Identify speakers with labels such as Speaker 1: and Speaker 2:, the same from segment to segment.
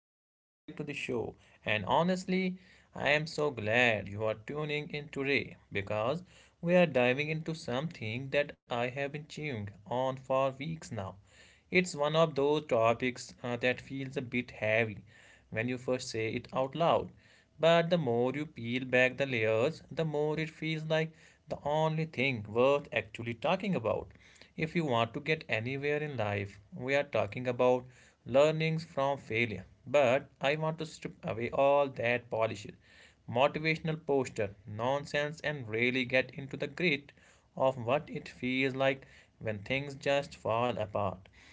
Speaker 1: Welcome back to the show. And honestly, I am so glad you are tuning in today because we are diving into something that I have been chewing on for weeks now. It's one of those topics that feels a bit heavy when you first say it out loud. But the more you peel back the layers, the more it feels like the only thing worth actually talking about. If you want to get anywhere in life, we are talking about learnings from failure. But I want to strip away all that polish motivational poster, nonsense, and really get into the grit of what it feels like when things just fall apart.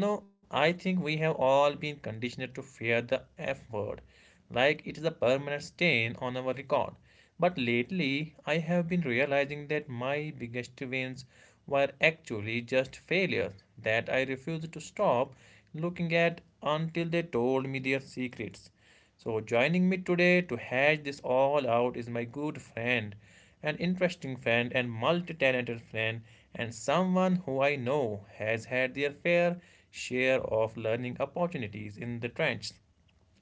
Speaker 1: You know, I think we have all been conditioned to fear the F word, like it is a permanent stain on our record. But lately, I have been realizing that my biggest wins were actually just failures that I refused to stop looking at until they told me their secrets. So, joining me today to hash this all out is my good friend, an interesting friend, and multi talented friend, and someone who I know has had their fair share of learning opportunities in the trenches.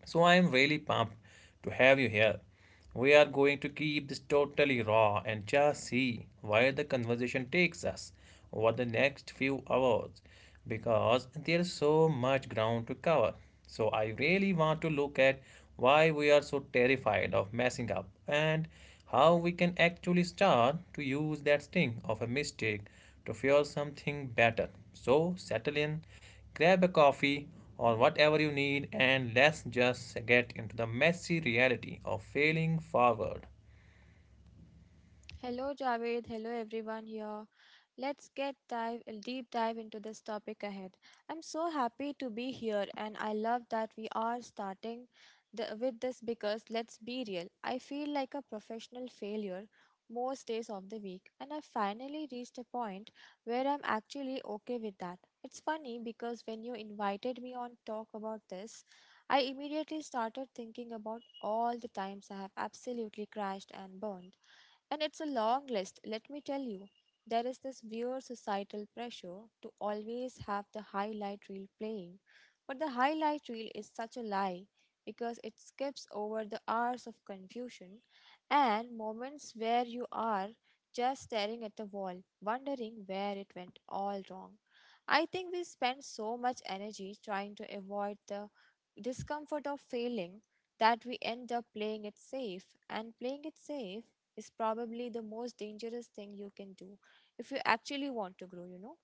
Speaker 1: So I am really pumped to have you here. We are going to keep this totally raw and just see where the conversation takes us over the next few hours because there is so much ground to cover. So I really want to look at why we are so terrified of messing up and how we can actually start to use that sting of a mistake to fuel something better. So settle in, grab a coffee or whatever you need, and let's just get into the messy reality of failing forward.
Speaker 2: Hello, Javed. Hello, everyone here. Let's get dive a deep dive into this topic ahead. I'm so happy to be here, and I love that we are starting with this, because let's be real. I feel like a professional failure most days of the week, and I finally reached a point where I'm actually okay with that. It's funny because when you invited me on talk about this, I immediately started thinking about all the times I have absolutely crashed and burned, and it's a long list, let me tell you. There is this weird societal pressure to always have the highlight reel playing. But the highlight reel is such a lie, because it skips over the hours of confusion and moments where you are just staring at the wall, wondering where it went all wrong. I think we spend so much energy trying to avoid the discomfort of failing that we end up playing it safe, and playing it safe is probably the most dangerous thing you can do if you actually want to grow.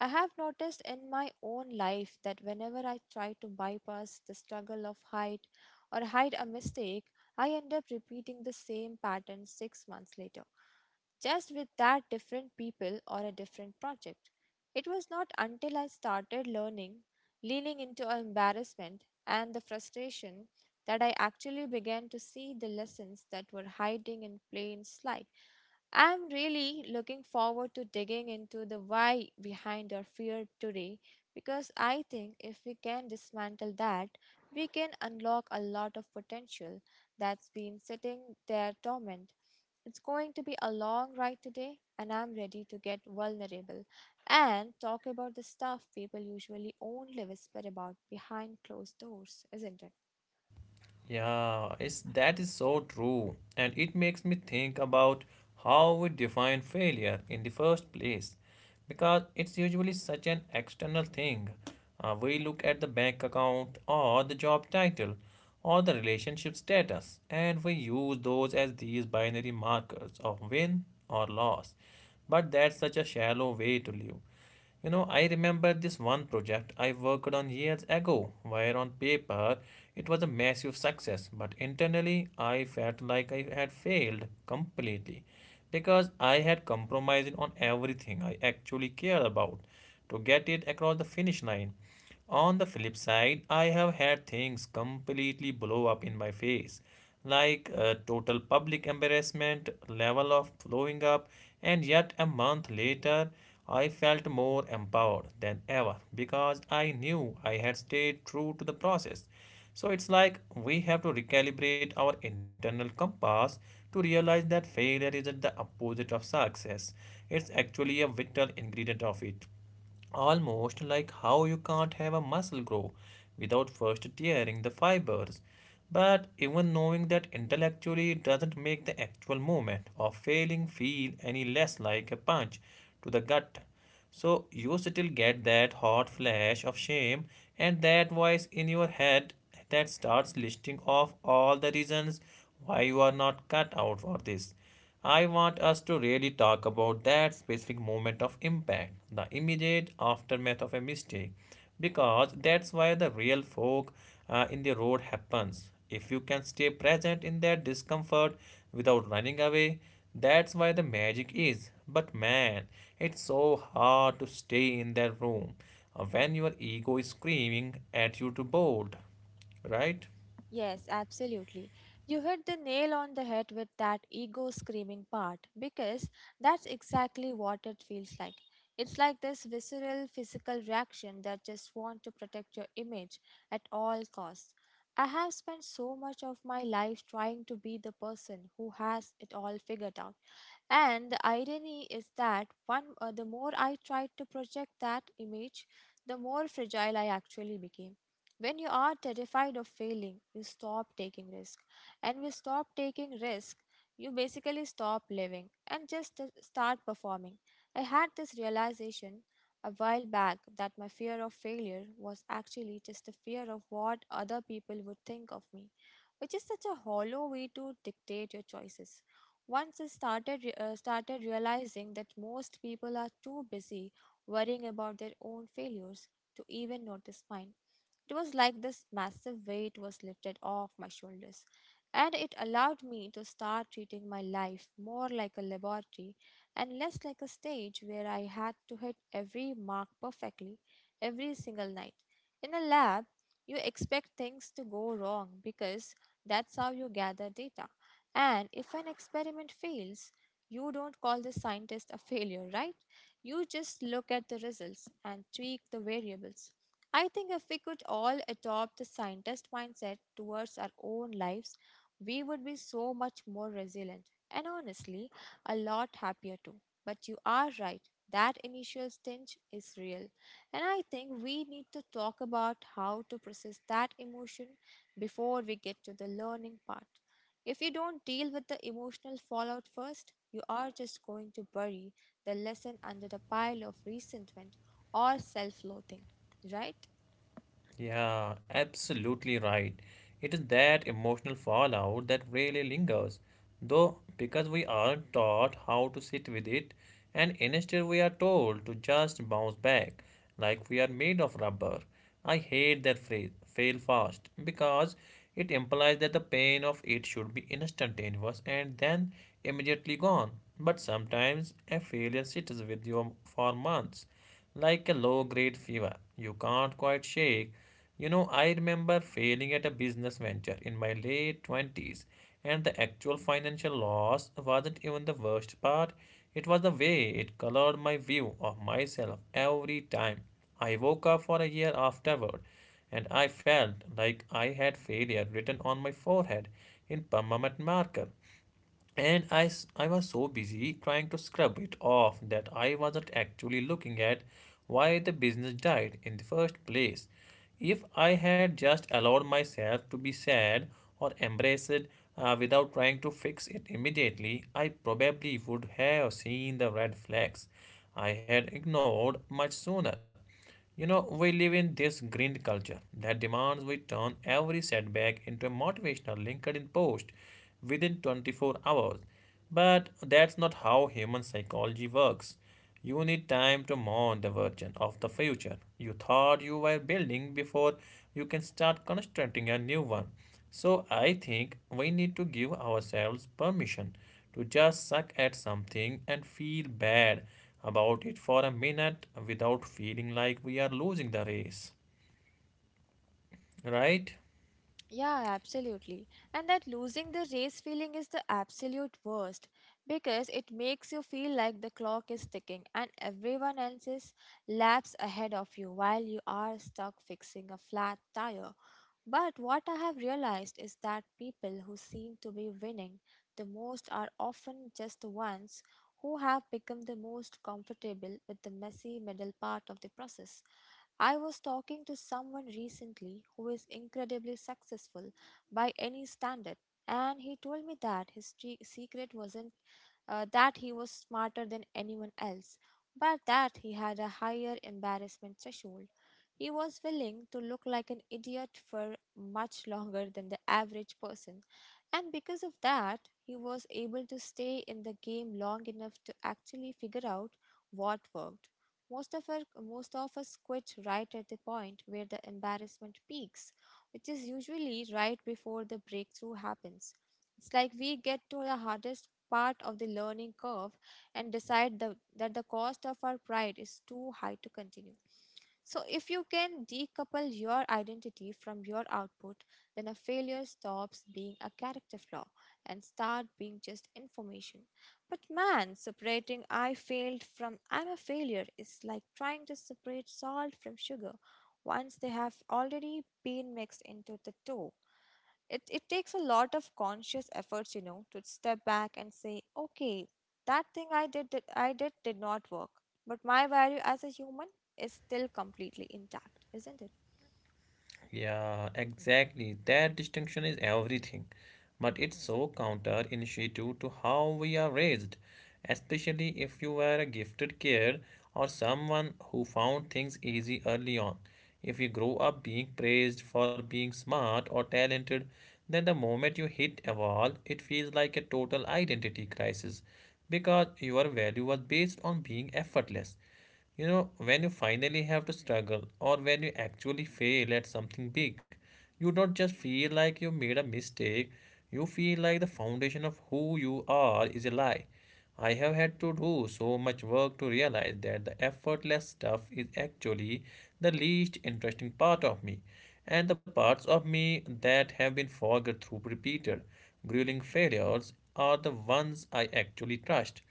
Speaker 2: I have noticed in my own life that whenever I try to bypass the struggle of height or hide a mistake, I end up repeating the same pattern 6 months later, just with that different people or a different project. It was not until I started learning, leaning into embarrassment and the frustration that I actually began to see the lessons that were hiding in plain sight. I'm really looking forward to digging into the why behind our fear today, because I think if we can dismantle that, we can unlock a lot of potential that's been sitting there dormant. It's going to be a long ride today, and I'm ready to get vulnerable and talk about the stuff people usually only whisper about behind closed doors, isn't it?
Speaker 1: Yeah, it's that is so true, and it makes me think about how we define failure in the first place, because it's usually such an external thing. We look at the bank account or the job title or the relationship status, and we use those as these binary markers of win or loss. But that's such a shallow way to live. You know, I remember this one project I worked on years ago, where on paper it was a massive success, but internally I felt like I had failed completely because I had compromised on everything I actually cared about to get it across the finish line. On the flip side, I have had things completely blow up in my face, like a total public embarrassment, level of blowing up, and yet a month later, I felt more empowered than ever because I knew I had stayed true to the process. So it's like we have to recalibrate our internal compass to realize that failure isn't the opposite of success, it's actually a vital ingredient of it. Almost like how you can't have a muscle grow without first tearing the fibers. But even knowing that intellectually doesn't make the actual moment of failing feel any less like a punch to the gut. So you still get that hot flash of shame and that voice in your head that starts listing off all the reasons why you are not cut out for this. I want us to really talk about that specific moment of impact, the immediate aftermath of a mistake, because that's why the real fork in the road happens. If you can stay present in that discomfort without running away, that's why the magic is. But man, it's so hard to stay in that room when your ego is screaming at you to bolt, right?
Speaker 2: Yes, absolutely. You hit the nail on the head with that ego screaming part, because that's exactly what it feels like. It's like this visceral physical reaction that just want to protect your image at all costs. I have spent so much of my life trying to be the person who has it all figured out. And the irony is that one the more I tried to project that image, the more fragile I actually became. When you are terrified of failing, you stop taking risk. And we stop taking risk, you basically stop living and just start performing. I had this realization a while back that my fear of failure was actually just a fear of what other people would think of me, which is such a hollow way to dictate your choices. Once I started realizing that most people are too busy worrying about their own failures to even notice mine. It was like this massive weight was lifted off my shoulders, and it allowed me to start treating my life more like a laboratory and less like a stage where I had to hit every mark perfectly every single night. In a lab, you expect things to go wrong because that's how you gather data. And if an experiment fails, you don't call the scientist a failure, right? You just look at the results and tweak the variables. I think if we could all adopt the scientist mindset towards our own lives, we would be so much more resilient and, honestly, a lot happier too. But you are right, that initial stinge is real. And I think we need to talk about how to process that emotion before we get to the learning part. If you don't deal with the emotional fallout first, you are just going to bury the lesson under the pile of resentment or self loathing, right?
Speaker 1: Yeah, absolutely right. It is that emotional fallout that really lingers, though, because we aren't taught how to sit with it, and instead we are told to just bounce back like we are made of rubber. I hate that phrase, fail fast, because it implies that the pain of it should be instantaneous and then immediately gone. But sometimes a failure sits with you for months like a low grade fever you can't quite shake. You know, I remember failing at a business venture in my late 20s, and the actual financial loss wasn't even the worst part. It was the way it colored my view of myself every time. I woke up for a year afterward, and I felt like I had failure written on my forehead in permanent marker, and I was so busy trying to scrub it off that I wasn't actually looking at why the business died in the first place. If I had just allowed myself to be sad or embrace it without trying to fix it immediately, I probably would have seen the red flags I had ignored much sooner. You know, we live in this grind culture that demands we turn every setback into a motivational LinkedIn post within 24 hours. But that's not how human psychology works. You need time to mourn the version of the future you thought you were building before you can start constructing a new one. So I think we need to give ourselves permission to just suck at something and feel bad about it for a minute without feeling like we are losing the race, right?
Speaker 2: Yeah, absolutely. And that losing the race feeling is the absolute worst, because it makes you feel like the clock is ticking and everyone else is laps ahead of you while you are stuck fixing a flat tire. But what I have realized is that people who seem to be winning the most are often just the ones who have become the most comfortable with the messy middle part of the process. I was talking to someone recently who is incredibly successful by any standard, and he told me that his secret wasn't that he was smarter than anyone else, but that he had a higher embarrassment threshold. He was willing to look like an idiot for much longer than the average person, and because of that, he was able to stay in the game long enough to actually figure out what worked. Most of us quit right at the point where the embarrassment peaks, which is usually right before the breakthrough happens. It's like we get to the hardest part of the learning curve and decide that the cost of our pride is too high to continue. So, if you can decouple your identity from your output, then a failure stops being a character flaw and start being just information. But man, separating I failed from I'm a failure is like trying to separate salt from sugar once they have already been mixed into the dough. It takes a lot of conscious efforts, to step back and say, okay, that thing I did, did not work, but my value as a human is still completely intact, isn't it?
Speaker 1: Yeah, exactly. That distinction is everything. But it's so counterintuitive to how we are raised, especially if you were a gifted kid or someone who found things easy early on. If you grow up being praised for being smart or talented, then the moment you hit a wall, it feels like a total identity crisis because your value was based on being effortless. You know, when you finally have to struggle or when you actually fail at something big, you don't just feel like you made a mistake, you feel like the foundation of who you are is a lie. I have had to do so much work to realize that the effortless stuff is actually the least interesting part of me, and the parts of me that have been forged through repeated, grueling failures are the ones I actually trust.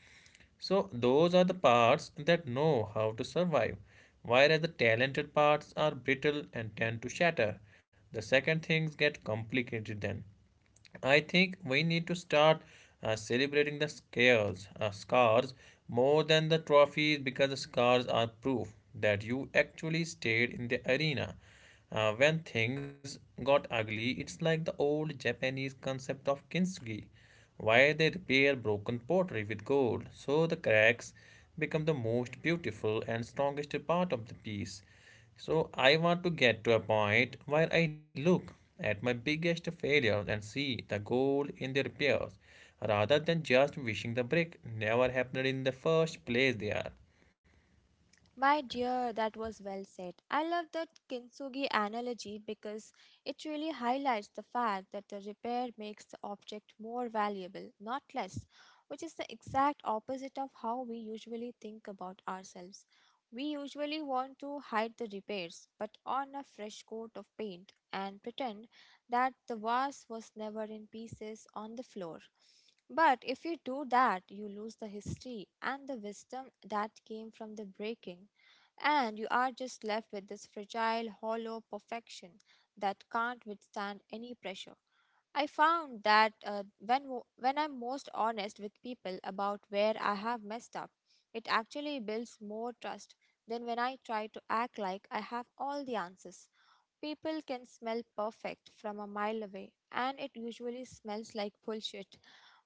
Speaker 1: So those are the parts that know how to survive, whereas the talented parts are brittle and tend to shatter the second things get complicated then. I think we need to start celebrating the scars, scars more than the trophies, because the scars are proof that you actually stayed in the arena when things got ugly. It's like the old Japanese concept of kintsugi, why they repair broken pottery with gold, so the cracks become the most beautiful and strongest part of the piece. So I want to get to a point where I look at my biggest failures and see the gold in the repairs, rather than just wishing the break never happened in the first place there.
Speaker 2: My dear, that was well said. I love that kintsugi analogy because it really highlights the fact that the repair makes the object more valuable, not less, which is the exact opposite of how we usually think about ourselves. We usually want to hide the repairs, but on a fresh coat of paint and pretend that the vase was never in pieces on the floor. But if you do that, you lose the history and the wisdom that came from the breaking, and you are just left with this fragile, hollow perfection that can't withstand any pressure. I found that when I'm most honest with people about where I have messed up, it actually builds more trust than when I try to act like I have all the answers. People can smell perfect from a mile away, and it usually smells like bullshit.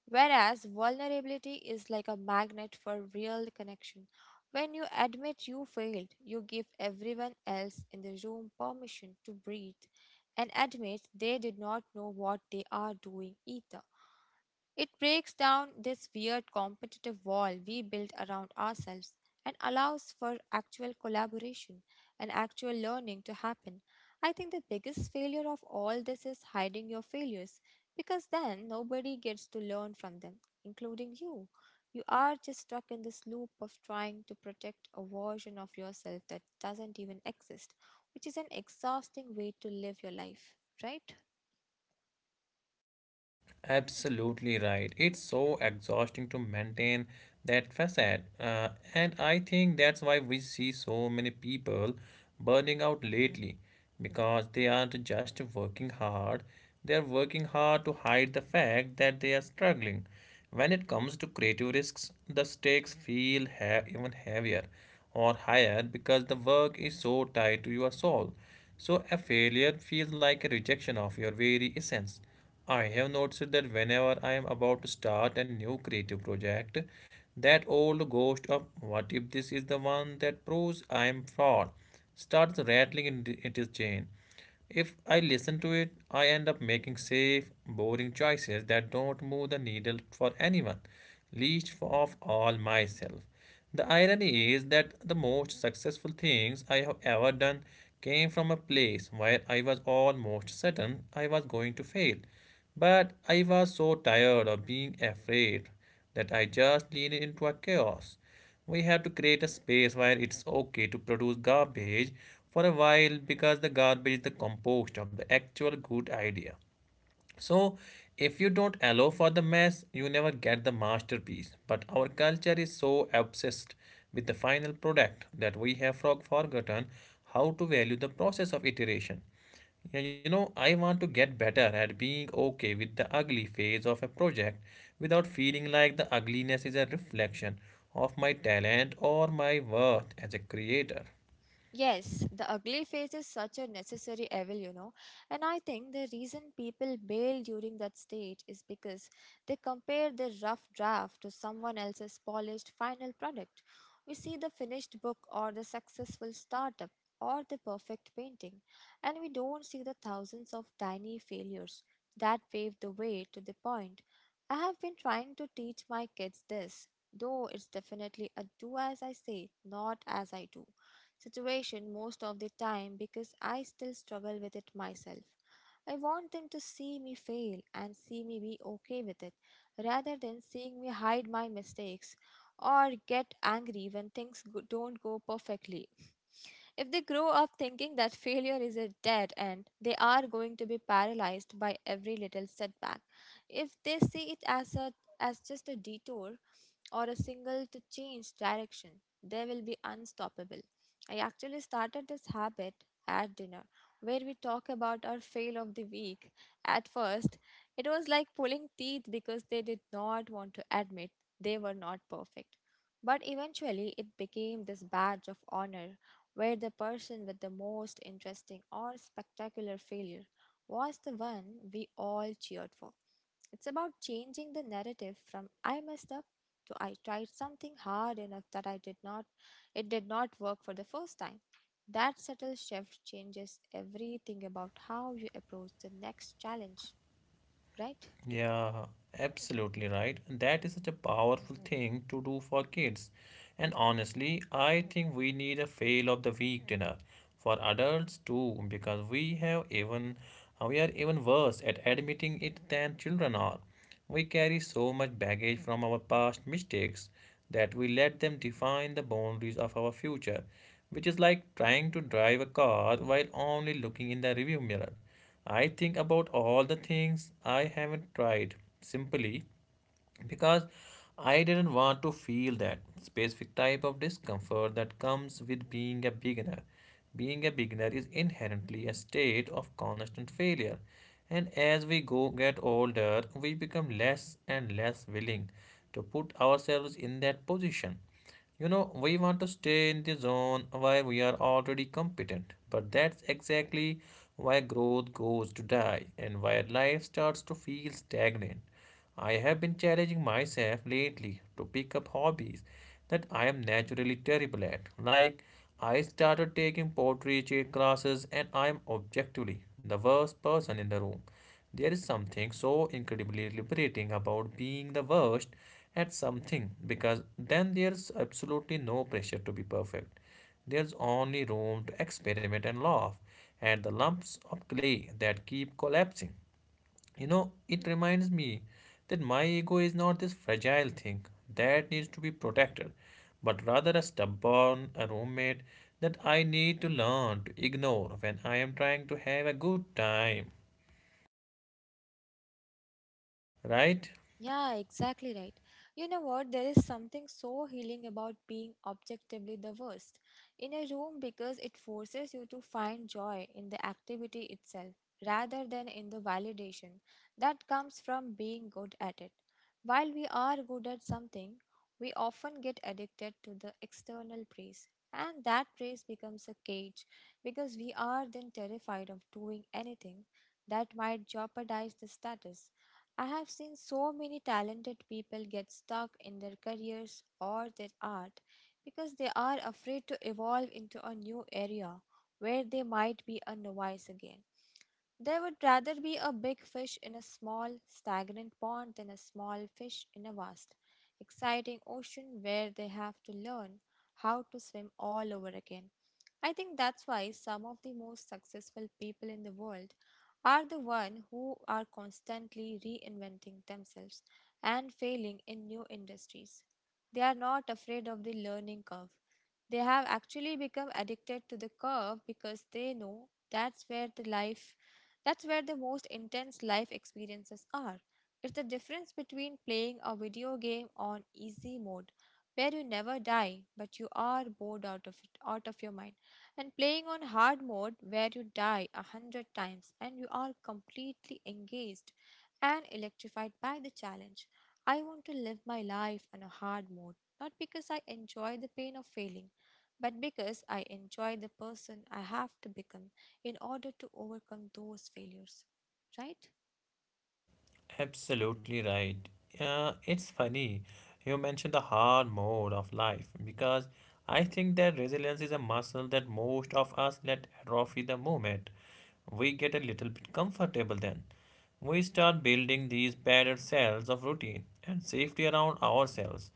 Speaker 2: Whereas vulnerability is like a magnet for real connection. When you admit you failed, you give everyone else in the room permission to breathe and admit they did not know what they are doing either. It breaks down this weird competitive wall we built around ourselves and allows for actual collaboration and actual learning to happen. I think the biggest failure of all this is hiding your failures, because then nobody gets to learn from them, including you. You are just stuck in this loop of trying to protect a version of yourself that doesn't even exist, which is an exhausting way to live your life, right?
Speaker 1: Absolutely right. It's so exhausting to maintain that facade. And I think that's why we see so many people burning out lately, because they aren't just working hard, they're working hard to hide the fact that they are struggling. When it comes to creative risks, the stakes feel even heavier or higher because the work is so tied to your soul. So a failure feels like a rejection of your very essence. I have noticed that whenever I am about to start a new creative project, that old ghost of what if this is the one that proves I am fraud starts rattling in its chain. If I listen to it, I end up making safe, boring choices that don't move the needle for anyone, least of all myself. The irony is that the most successful things I have ever done came from a place where I was almost certain I was going to fail. But I was so tired of being afraid that I just leaned into a chaos. We have to create a space where it's okay to produce garbage for a while because the garbage is the compost of the actual good idea. So, if you don't allow for the mess, you never get the masterpiece. But our culture is so obsessed with the final product that we have forgotten how to value the process of iteration. Yeah. You know, I want to get better at being okay with the ugly phase of a project without feeling like the ugliness is a reflection of my talent or my worth as a creator.
Speaker 2: Yes, the ugly phase is such a necessary evil. And I think the reason people bail during that stage is because they compare their rough draft to someone else's polished final product. We see the finished book or the successful startup or the perfect painting, and we don't see the thousands of tiny failures that paved the way to the point. I have been trying to teach my kids this, though it's definitely a do as I say, not as I do situation most of the time because I still struggle with it myself. I want them to see me fail and see me be okay with it rather than seeing me hide my mistakes or get angry when things don't go perfectly. If they grow up thinking that failure is a dead end, they are going to be paralyzed by every little setback. If they see it as a as just a detour or a single to change direction, they will be unstoppable. I actually started this habit at dinner where we talk about our fail of the week. At first, it was like pulling teeth because they did not want to admit they were not perfect. But eventually, it became this badge of honor where the person with the most interesting or spectacular failure was the one we all cheered for. It's about changing the narrative from I messed up to I tried something hard enough that I did not it did not work for the first time. That subtle shift changes everything about how you approach the next challenge, right?
Speaker 1: Yeah, absolutely right. And that is such a powerful thing to do for kids. And honestly, I think we need a fail of the week dinner for adults too, because we have even we are even worse at admitting it than children are. We carry so much baggage from our past mistakes that we let them define the boundaries of our future, which is like trying to drive a car while only looking in the rearview mirror. I think about all the things I haven't tried simply because I didn't want to feel that specific type of discomfort that comes with being a beginner. Being a beginner is inherently a state of constant failure, and as we go get older, we become less and less willing to put ourselves in that position. You know, we want to stay in the zone where we are already competent, but that's exactly why growth goes to die and where life starts to feel stagnant. I have been challenging myself lately to pick up hobbies that I am naturally terrible at. Like, I started taking portrait classes and I am objectively the worst person in the room. There is something so incredibly liberating about being the worst at something because then there's absolutely no pressure to be perfect. There's only room to experiment and laugh at the lumps of clay that keep collapsing. You know, it reminds me that my ego is not this fragile thing that needs to be protected, but rather a stubborn a roommate that I need to learn to ignore when I am trying to have a good time, right?
Speaker 2: Yeah, exactly right. You know what? There is something so healing about being objectively the worst in a room because it forces you to find joy in the activity itself rather than in the validation that comes from being good at it. While we are good at something, we often get addicted to the external praise, and that praise becomes a cage because we are then terrified of doing anything that might jeopardize the status. I have seen so many talented people get stuck in their careers or their art because they are afraid to evolve into a new area where they might be a novice again. They would rather be a big fish in a small, stagnant pond than a small fish in a vast, exciting ocean where they have to learn how to swim all over again. I think that's why some of the most successful people in the world are the one who are constantly reinventing themselves and failing in new industries. They are not afraid of the learning curve. They have actually become addicted to the curve because they know that's where the most intense life experiences are. It's the difference between playing a video game on easy mode where you never die but you are bored out of your mind, and playing on hard mode where you die a hundred times and you are completely engaged and electrified by the challenge. I want to live my life on a hard mode, not because I enjoy the pain of failing, but because I enjoy the person I have to become in order to overcome those failures, right?
Speaker 1: Absolutely right. It's funny you mentioned the hard mode of life because I think that resilience is a muscle that most of us let atrophy the moment we get a little bit comfortable then. We start building these battered cells of routine and safety around ourselves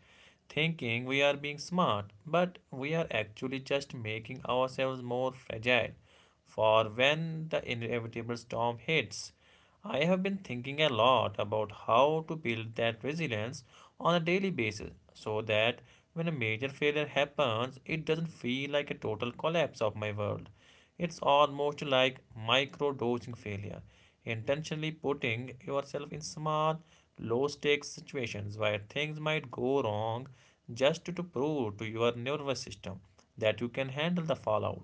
Speaker 1: thinking we are being smart, but we are actually just making ourselves more fragile for when the inevitable storm hits. I have been thinking a lot about how to build that resilience on a daily basis so that when a major failure happens, it doesn't feel like a total collapse of my world. It's almost like micro dosing failure, intentionally putting yourself in small, low stakes situations where things might go wrong just to prove to your nervous system that you can handle the fallout.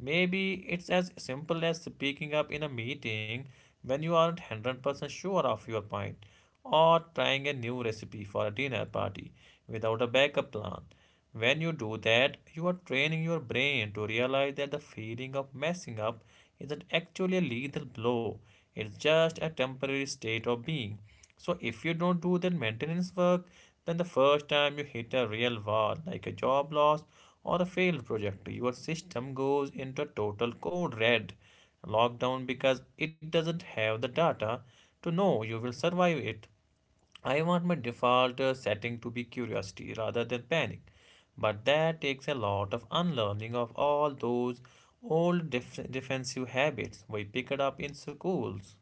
Speaker 1: Maybe it's as simple as speaking up in a meeting when you aren't 100% sure of your point, or trying a new recipe for a dinner party without a backup plan. When you do that, you are training your brain to realize that the feeling of messing up isn't actually a lethal blow, it's just a temporary state of being. So, if you don't do that maintenance work, then the first time you hit a real wall, like a job loss or a failed project, your system goes into a total code red lockdown because it doesn't have the data to know you will survive it. I want my default setting to be curiosity rather than panic. But that takes a lot of unlearning of all those old defensive habits we picked up in schools.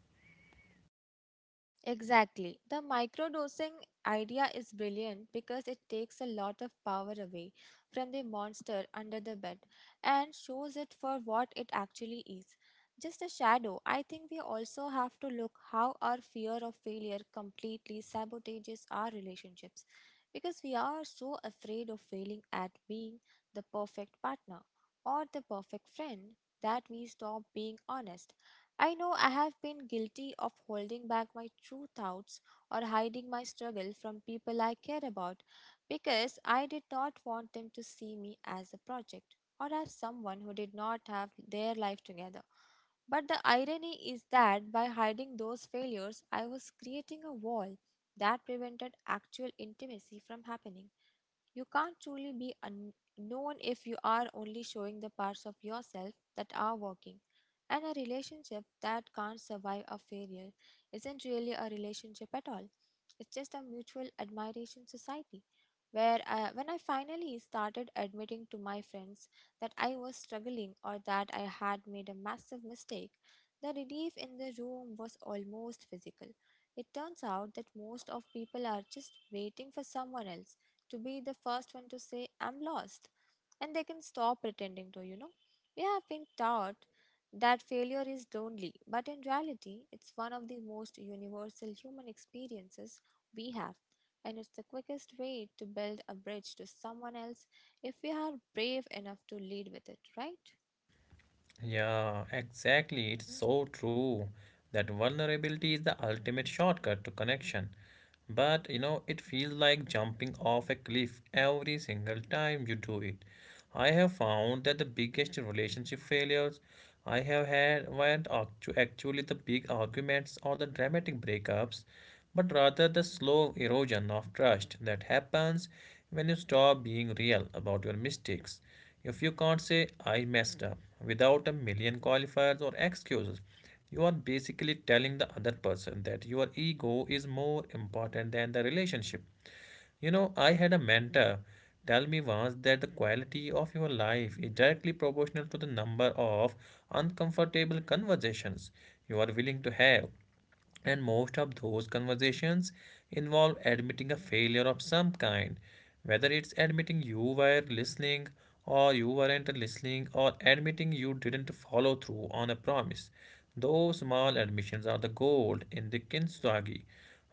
Speaker 2: Exactly. The microdosing idea is brilliant because it takes a lot of power away from the monster under the bed and shows it for what it actually is. Just a shadow. I think we also have to look how our fear of failure completely sabotages our relationships because we are so afraid of failing at being the perfect partner or the perfect friend that we stop being honest. I know I have been guilty of holding back my true thoughts or hiding my struggle from people I care about because I did not want them to see me as a project or as someone who did not have their life together. But the irony is that by hiding those failures, I was creating a wall that prevented actual intimacy from happening. You can't truly be unknown if you are only showing the parts of yourself that are working. And a relationship that can't survive a failure isn't really a relationship at all. It's just a mutual admiration society. When I finally started admitting to my friends that I was struggling or that I had made a massive mistake, the relief in the room was almost physical. It turns out that most of people are just waiting for someone else to be the first one to say, "I'm lost." And they can stop pretending to, you know. We have been taught that failure is lonely, but in reality, it's one of the most universal human experiences we have. And it's the quickest way to build a bridge to someone else if we are brave enough to lead with it, right?
Speaker 1: Yeah, exactly. It's so true that vulnerability is the ultimate shortcut to connection. But you know, it feels like jumping off a cliff every single time you do it. I have found that the biggest relationship failures I have had weren't actually the big arguments or the dramatic breakups, but rather the slow erosion of trust that happens when you stop being real about your mistakes. If you can't say I messed up without a million qualifiers or excuses, you are basically telling the other person that your ego is more important than the relationship. You know, I had a mentor tell me once that the quality of your life is directly proportional to the number of uncomfortable conversations you are willing to have. And most of those conversations involve admitting a failure of some kind, whether it's admitting you were listening or you weren't listening, or admitting you didn't follow through on a promise. Those small admissions are the gold in the Kintsugi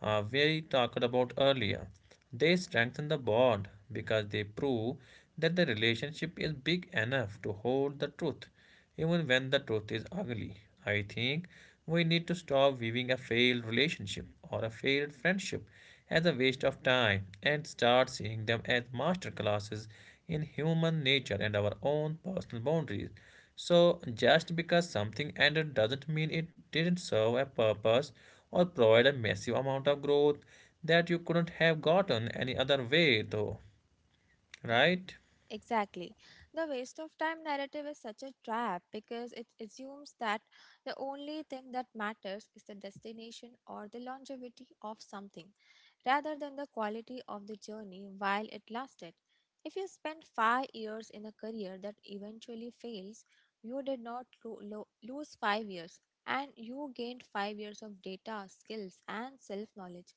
Speaker 1: we talked about earlier. They strengthen the bond because they prove that the relationship is big enough to hold the truth, even when the truth is ugly. I think we need to stop viewing a failed relationship or a failed friendship as a waste of time and start seeing them as master classes in human nature and our own personal boundaries. So, just because something ended doesn't mean it didn't serve a purpose or provide a massive amount of growth that you couldn't have gotten any other way, though, right?
Speaker 2: Exactly. The waste of time narrative is such a trap because it assumes that the only thing that matters is the destination or the longevity of something, rather than the quality of the journey while it lasted. If you spend 5 years in a career that eventually fails, you did not lose 5 years, and you gained 5 years of data, skills, and self knowledge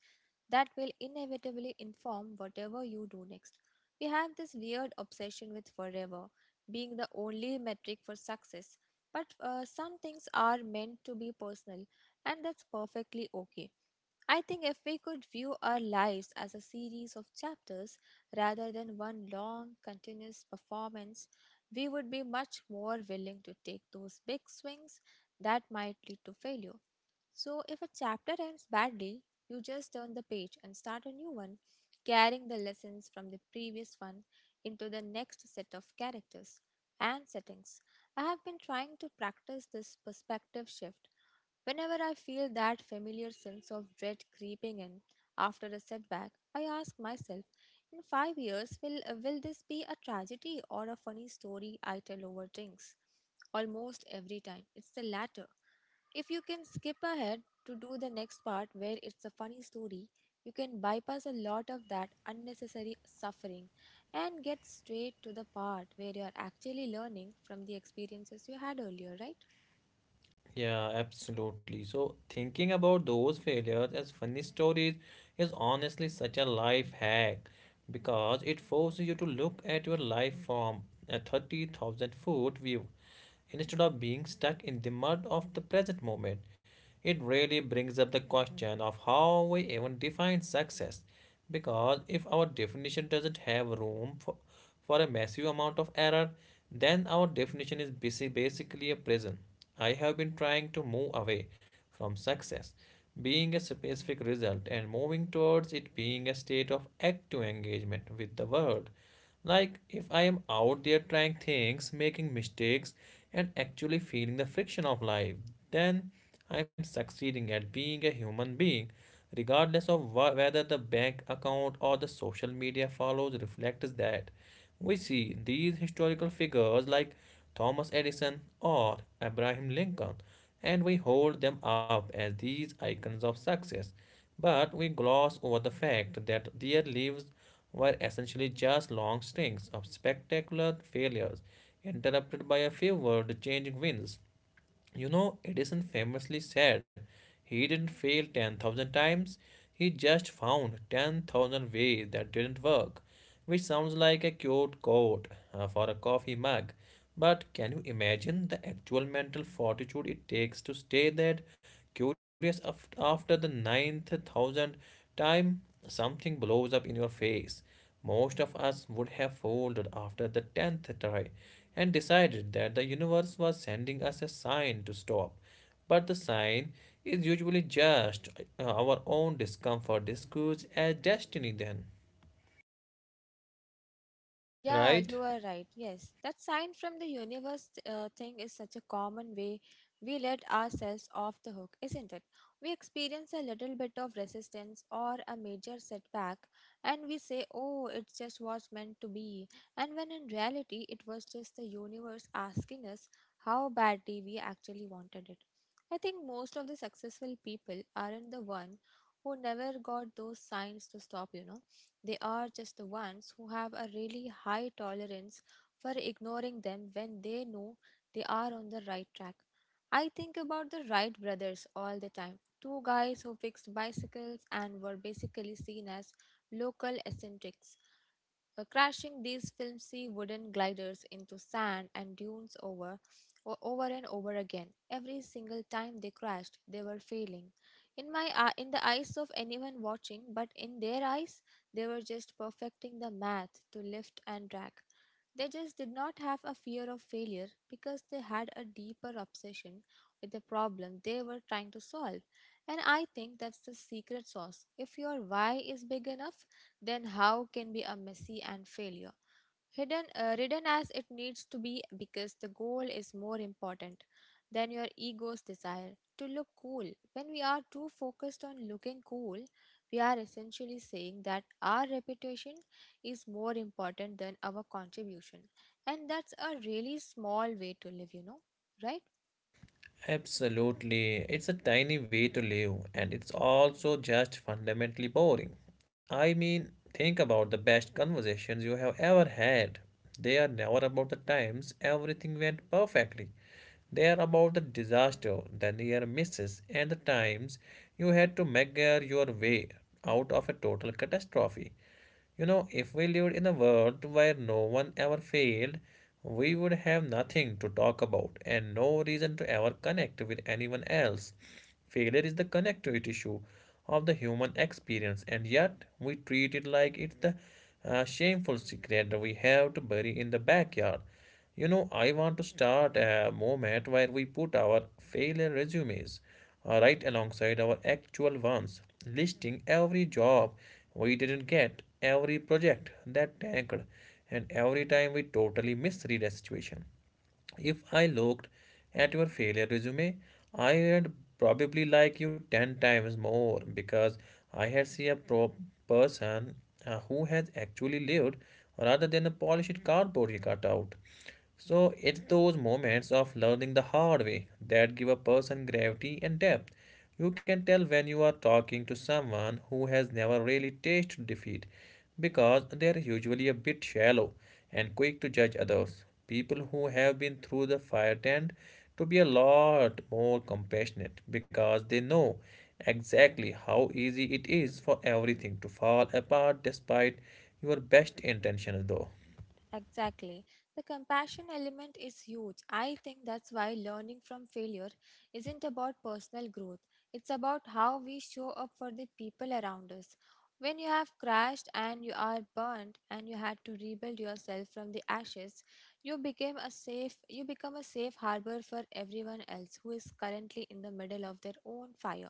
Speaker 2: that will inevitably inform whatever you do next. We have this weird obsession with forever being the only metric for success. But some things are meant to be personal, and that's perfectly okay. I think if we could view our lives as a series of chapters rather than one long, continuous performance, we would be much more willing to take those big swings that might lead to failure. So, if a chapter ends badly, you just turn the page and start a new one, carrying the lessons from the previous one into the next set of characters and settings. I have been trying to practice this perspective shift. Whenever I feel that familiar sense of dread creeping in after a setback, I ask myself, in 5 years, will this be a tragedy or a funny story I tell over drinks? Almost every time, it's the latter. If you can skip ahead to do the next part where it's a funny story, you can bypass a lot of that unnecessary suffering and get straight to the part where you're actually learning from the experiences you had earlier, right?
Speaker 1: Yeah, absolutely. So, thinking about those failures as funny stories is honestly such a life hack because it forces you to look at your life from a 30,000 foot view instead of being stuck in the mud of the present moment. It really brings up the question of how we even define success, because if our definition doesn't have room for a massive amount of error, then our definition is basically a prison. I have been trying to move away from success being a specific result and moving towards it being a state of active engagement with the world. Like if I am out there trying things, making mistakes, and actually feeling the friction of life, then I am succeeding at being a human being. Regardless of whether the bank account or the social media follows reflects that, we see these historical figures like Thomas Edison or Abraham Lincoln, and we hold them up as these icons of success. But we gloss over the fact that their lives were essentially just long strings of spectacular failures, interrupted by a few world changing wins. You know, Edison famously said he didn't fail 10,000 times, he just found 10,000 ways that didn't work, which sounds like a cute quote for a coffee mug. But can you imagine the actual mental fortitude it takes to stay that curious after the ninth thousand time something blows up in your face? Most of us would have folded after the 10th try and decided that the universe was sending us a sign to stop. But the sign is usually just our own discomfort disguised as destiny, then,
Speaker 2: Yeah,
Speaker 1: right?
Speaker 2: you are right. Yes, that sign from the universe thing is such a common way we let ourselves off the hook, isn't it? We experience a little bit of resistance or a major setback, and we say, "Oh, it just was meant to be." And when in reality, it was just the universe asking us how badly we actually wanted it. I think most of the successful people aren't the one who never got those signs to stop, you know, they are just the ones who have a really high tolerance for ignoring them when they know they are on the right track. I think about the Wright brothers all the time. Two guys who fixed bicycles and were basically seen as local eccentrics. Crashing these filmy wooden gliders into sand and dunes over and over again. Every single time they crashed, they were failing in my eye, in the eyes of anyone watching, but in their eyes they were just perfecting the math to lift and drag. They just did not have a fear of failure because they had a deeper obsession with the problem they were trying to solve. And I think that's the secret sauce. If your why is big enough, then how can be a messy and failure hidden written as it needs to be, because the goal is more important than your ego's desire to look cool. When we are too focused on looking cool, we are essentially saying that our reputation is more important than our contribution, and that's a really small way to live, you know? Right.
Speaker 1: Absolutely. It's a tiny way to live, and it's also just fundamentally boring. I mean, think about the best conversations you have ever had. They are never about the times everything went perfectly. They are about the disaster, the near misses, and the times you had to meager your way out of a total catastrophe. You know, if we lived in a world where no one ever failed, we would have nothing to talk about and no reason to ever connect with anyone else. Failure is the connectivity issue of the human experience, and yet we treat it like it's the shameful secret we have to bury in the backyard. You know, I want to start a moment where we put our failure resumes right alongside our actual ones, listing every job we didn't get, every project that tanked, and every time we totally misread a situation. If I looked at your failure resume, I would probably like you 10 times more because I had seen a person who has actually lived rather than a polished cardboard he cut out. So it's those moments of learning the hard way that give a person gravity and depth. You can tell when you are talking to someone who has never really tasted defeat because they are usually a bit shallow and quick to judge others. People who have been through the fire tend to be a lot more compassionate because they know exactly how easy it is for everything to fall apart despite your best intentions though.
Speaker 2: Exactly. The compassion element is huge. I think that's why learning from failure isn't about personal growth, it's about how we show up for the people around us. When you have crashed and you are burnt and you had to rebuild yourself from the ashes, you become a safe harbor for everyone else who is currently in the middle of their own fire.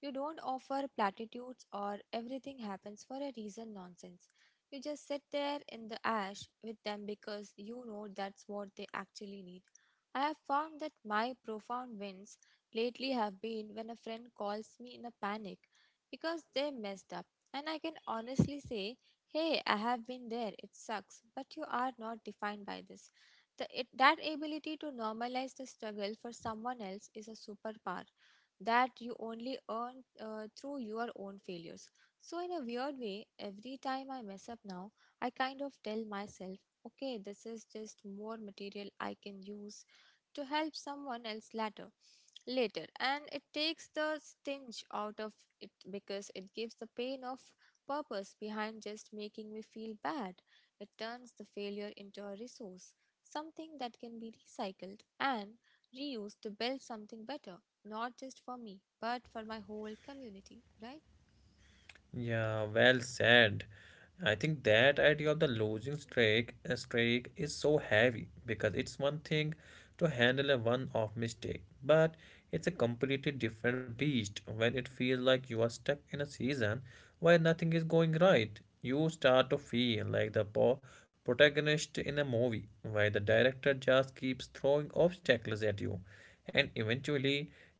Speaker 2: You don't offer platitudes or "everything happens for a reason" nonsense. You just sit there in the ash with them because you know that's what they actually need. I have found that my profound wins lately have been when a friend calls me in a panic because they messed up. And I can honestly say, hey, I have been there, it sucks, but you are not defined by this. That ability to normalize the struggle for someone else is a superpower that you only earn through your own failures. So, in a weird way, every time I mess up now, I kind of tell myself, okay, this is just more material I can use to help someone else later, and it takes the sting out of it because it gives the pain of purpose behind just making me feel bad. It turns the failure into a resource, something that can be recycled and reused to build something better, not just for me, but for my whole community, right?
Speaker 1: Yeah, well said. I think that idea of the losing streak, a streak is so heavy because it's one thing to handle a one-off mistake, but it's a completely different beast when it feels like you are stuck in a season where nothing is going right. You start to feel like the protagonist in a movie where the director just keeps throwing obstacles at you and eventually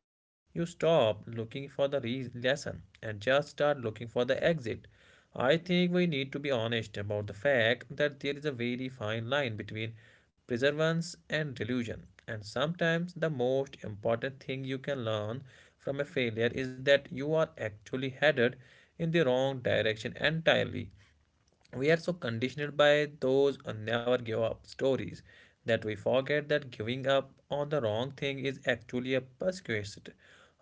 Speaker 1: you stop looking for the lesson and just start looking for the exit. I think we need to be honest about the fact that there is a very fine line between perseverance and delusion, and sometimes the most important thing you can learn from a failure is that you are actually headed in the wrong direction entirely. We are so conditioned by those never give up stories that we forget that giving up on the wrong thing is actually a prerequisite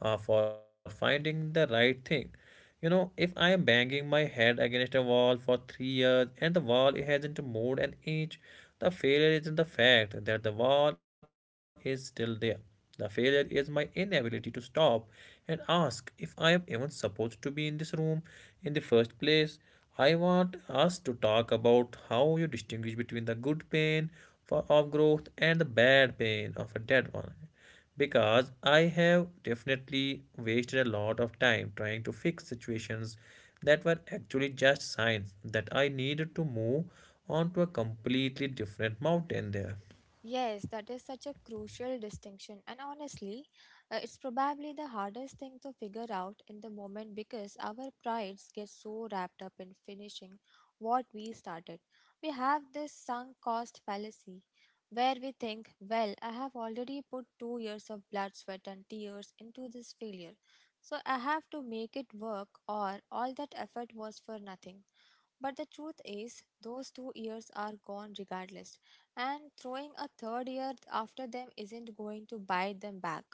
Speaker 1: for finding the right thing. You know, if I am banging my head against a wall for 3 years and the wall hasn't moved an inch, the failure isn't the fact that the wall is still there. The failure is my inability to stop and ask if I am even supposed to be in this room in the first place. I want us to talk about how you distinguish between the good pain of growth and the bad pain of a dead one. Because I have definitely wasted a lot of time trying to fix situations that were actually just signs that I needed to move onto a completely different mountain there.
Speaker 2: Yes, that is such a crucial distinction, and honestly, it's probably the hardest thing to figure out in the moment because our prides get so wrapped up in finishing what we started. We have this sunk cost fallacy where we think, well, I have already put 2 years of blood, sweat, and tears into this failure, so I have to make it work, or all that effort was for nothing. But the truth is, those 2 years are gone regardless, and throwing a third year after them isn't going to bite them back.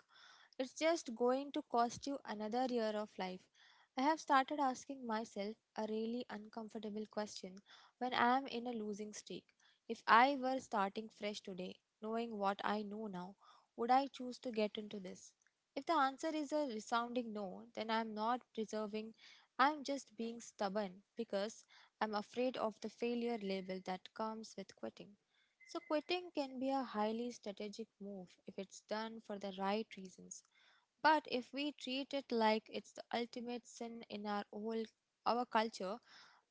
Speaker 2: It's just going to cost you another year of life. I have started asking myself a really uncomfortable question when I am in a losing streak. If I were starting fresh today, knowing what I know now, would I choose to get into this? If the answer is a resounding no, then I am not preserving, I am just being stubborn because I'm afraid of the failure label that comes with quitting. So, quitting can be a highly strategic move if it's done for the right reasons. But if we treat it like it's the ultimate sin in our whole our culture,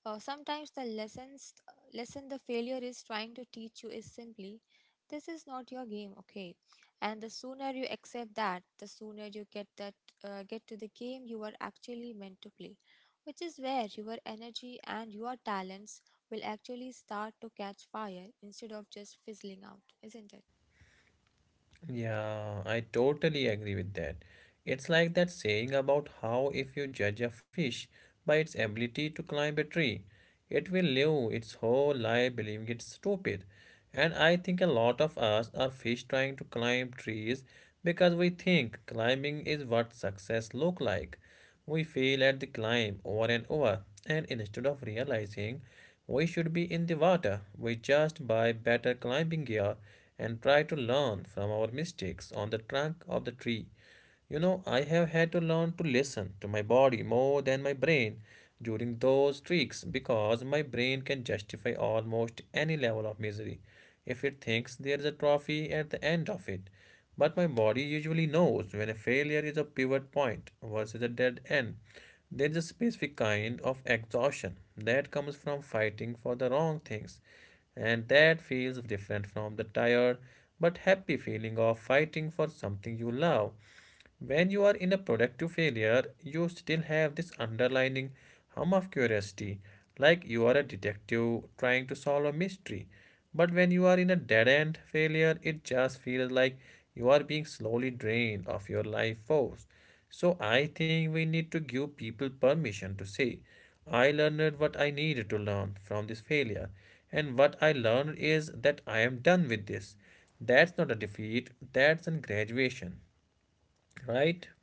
Speaker 2: sometimes the lesson the failure is trying to teach you is simply, this is not your game, okay? And the sooner you accept that, the sooner you get to the game you are actually meant to play, which is where your energy and your talents will actually start to catch fire instead of just fizzling out, isn't it?
Speaker 1: Yeah, I totally agree with that. It's like that saying about how if you judge a fish by its ability to climb a tree, it will live its whole life believing it's stupid. And I think a lot of us are fish trying to climb trees because we think climbing is what success look like. We fail at the climb over and over, and instead of realizing we should be in the water, we just buy better climbing gear and try to learn from our mistakes on the trunk of the tree. You know, I have had to learn to listen to my body more than my brain during those streaks because my brain can justify almost any level of misery if it thinks there is a trophy at the end of it. But my body usually knows when a failure is a pivot point versus a dead end. There is a specific kind of exhaustion that comes from fighting for the wrong things, and that feels different from the tired but happy feeling of fighting for something you love. When you are in a productive failure, you still have this underlining hum of curiosity, like you are a detective trying to solve a mystery. But when you are in a dead end failure, it just feels like you are being slowly drained of your life force. So I think we need to give people permission to say, I learned what I needed to learn from this failure, and what I learned is that I am done with this. That's not a defeat, that's a graduation, right?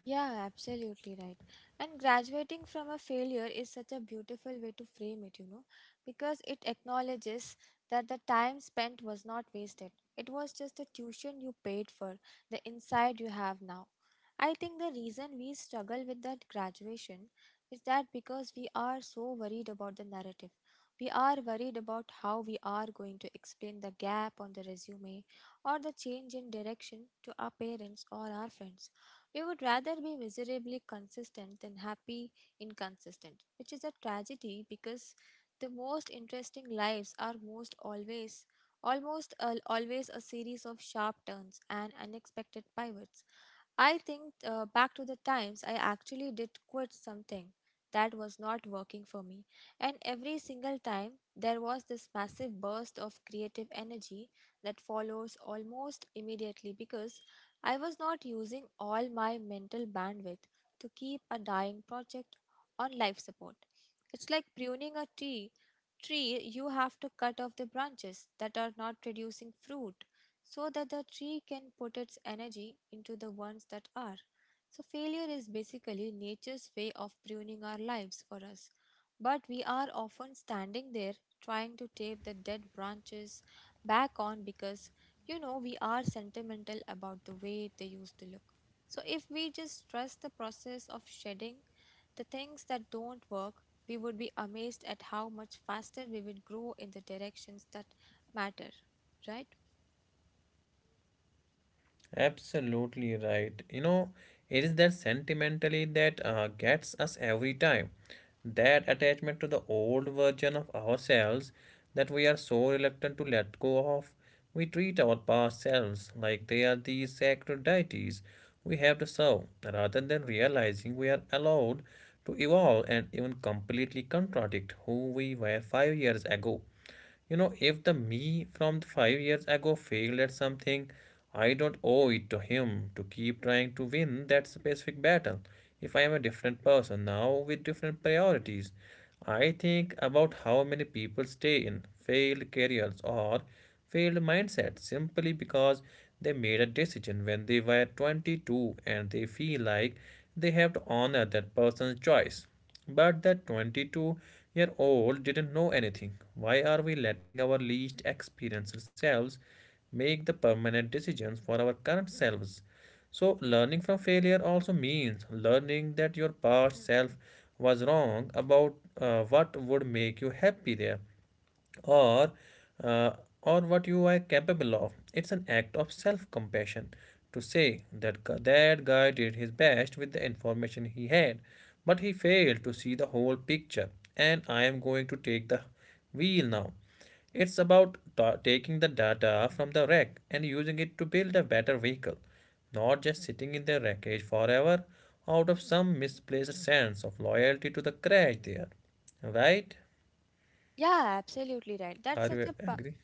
Speaker 2: Yeah, absolutely right. And graduating from a failure is such a beautiful way to frame it, you know, because it acknowledges that the time spent was not wasted. It was just the tuition you paid for, the insight you have now. I think the reason we struggle with that graduation is that because we are so worried about the narrative. We are worried about how we are going to explain the gap on the resume or the change in direction to our parents or our friends. We would rather be miserably consistent than happy inconsistent, which is a tragedy because the most interesting lives are most always almost al always a series of sharp turns and unexpected pivots. I think back to the times I actually did quit something that was not working for me. And every single time, there was this massive burst of creative energy that follows almost immediately because I was not using all my mental bandwidth to keep a dying project on life support. It's like pruning a tree. Tree, you have to cut off the branches that are not producing fruit so that the tree can put its energy into the ones that are. So, failure is basically nature's way of pruning our lives for us. But we are often standing there trying to tape the dead branches back on because, we are sentimental about the way they used to look. So, if we just trust the process of shedding the things that don't work, we would be amazed at how much faster we would grow in the directions that matter, right?
Speaker 1: Absolutely right. You know, it is that sentimentally that gets us every time. That attachment to the old version of ourselves that we are so reluctant to let go of. We treat our past selves like they are these sacred deities we have to serve, rather than realizing we are allowed to evolve and even completely contradict who we were 5 years ago. You know, if the me from 5 years ago failed at something, I don't owe it to him to keep trying to win that specific battle. If I am a different person now with different priorities, I think about how many people stay in failed careers or failed mindsets simply because they made a decision when they were 22 and they feel like they have to honor that person's choice. But that 22-year-old didn't know anything. Why are we letting our least experienced selves make the permanent decisions for our current selves? So, learning from failure also means learning that your past self was wrong about what would make you happy there or uh, or what you are capable of. It's an act of self compassion to say that that guy did his best with the information he had but he failed to see the whole picture, and I am going to take the wheel now. It's about taking the data from the wreck and using it to build a better vehicle, not just sitting in the wreckage forever out of some misplaced sense of loyalty to the crash there, right?
Speaker 2: Yeah, absolutely right.
Speaker 1: Are you agree?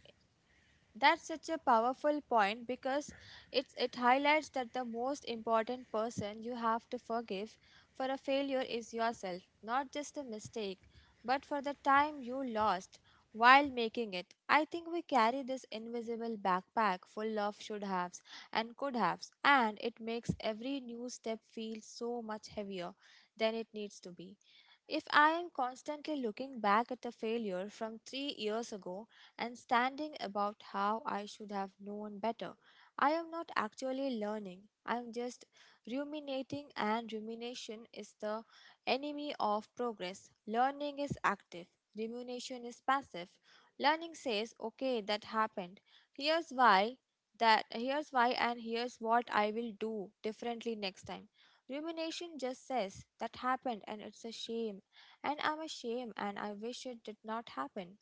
Speaker 2: That's such a powerful point because it highlights that the most important person you have to forgive for a failure is yourself, not just a mistake, but for the time you lost while making it. I think we carry this invisible backpack full of should haves and could haves, and it makes every new step feel so much heavier than it needs to be. If I am constantly looking back at a failure from 3 years ago and standing about how I should have known better, I am not actually learning. I am just ruminating, and rumination is the enemy of progress. Learning is active, rumination is passive. Learning says, okay, that happened. Here's why. That here's why, and here's what I will do differently next time. Rumination just says that happened and it's a shame and I'm ashamed and I wish it did not happen.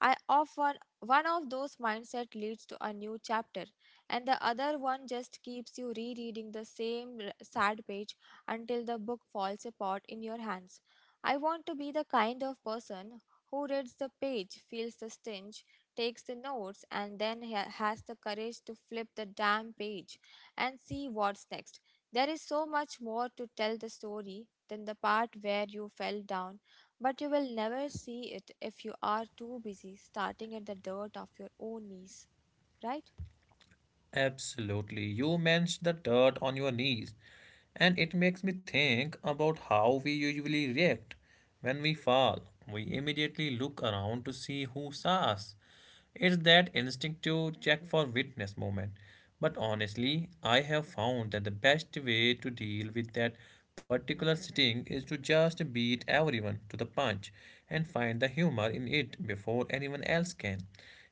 Speaker 2: I often one of those mindset leads to a new chapter, and the other one just keeps you rereading the same sad page until the book falls apart in your hands. I want to be the kind of person who reads the page, feels the sting, takes the notes, and then has the courage to flip the damn page and see what's next. There is so much more to tell the story than the part where you fell down, but you will never see it if you are too busy starting at the dirt of your own knees, right?
Speaker 1: Absolutely. You mentioned the dirt on your knees, and it makes me think about how we usually react. When we fall, we immediately look around to see who saw us. It's that instinctive check for witness moment. But honestly, I have found that the best way to deal with that particular sting is to just beat everyone to the punch and find the humor in it before anyone else can.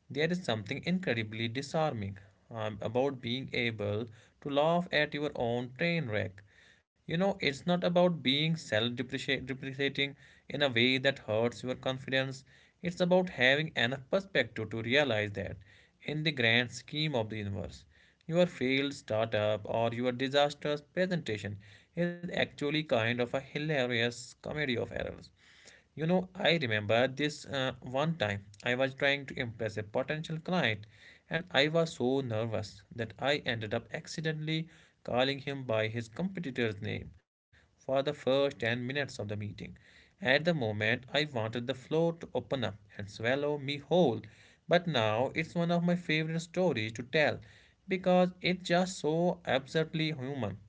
Speaker 1: There is something incredibly disarming about being able to laugh at your own train wreck. You know, it's not about being self depreciating in a way that hurts your confidence. It's about having enough perspective to realize that, in the grand scheme of the universe, your failed startup or your disastrous presentation is actually kind of a hilarious comedy of errors. You know, I remember this one time I was trying to impress a potential client and I was so nervous that I ended up accidentally calling him by his competitor's name for the first 10 minutes of the meeting. At the moment, I wanted the floor to open up and swallow me whole, but now it's one of my favorite stories to tell because it's just so absurdly human.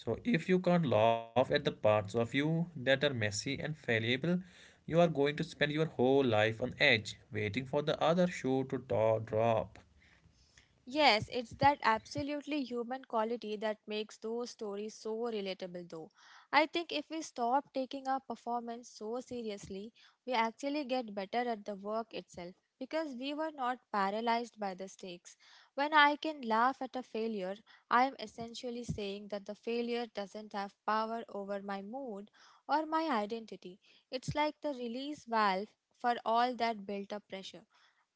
Speaker 1: So, if you can't laugh at the parts of you that are messy and fallible, you are going to spend your whole life on edge, waiting for the other shoe to drop.
Speaker 2: Yes, it's that absolutely human quality that makes those stories so relatable, though. I think if we stop taking our performance so seriously, we actually get better at the work itself because we were not paralyzed by the stakes. When I can laugh at a failure, I am essentially saying that the failure doesn't have power over my mood or my identity. It's like the release valve for all that built up pressure.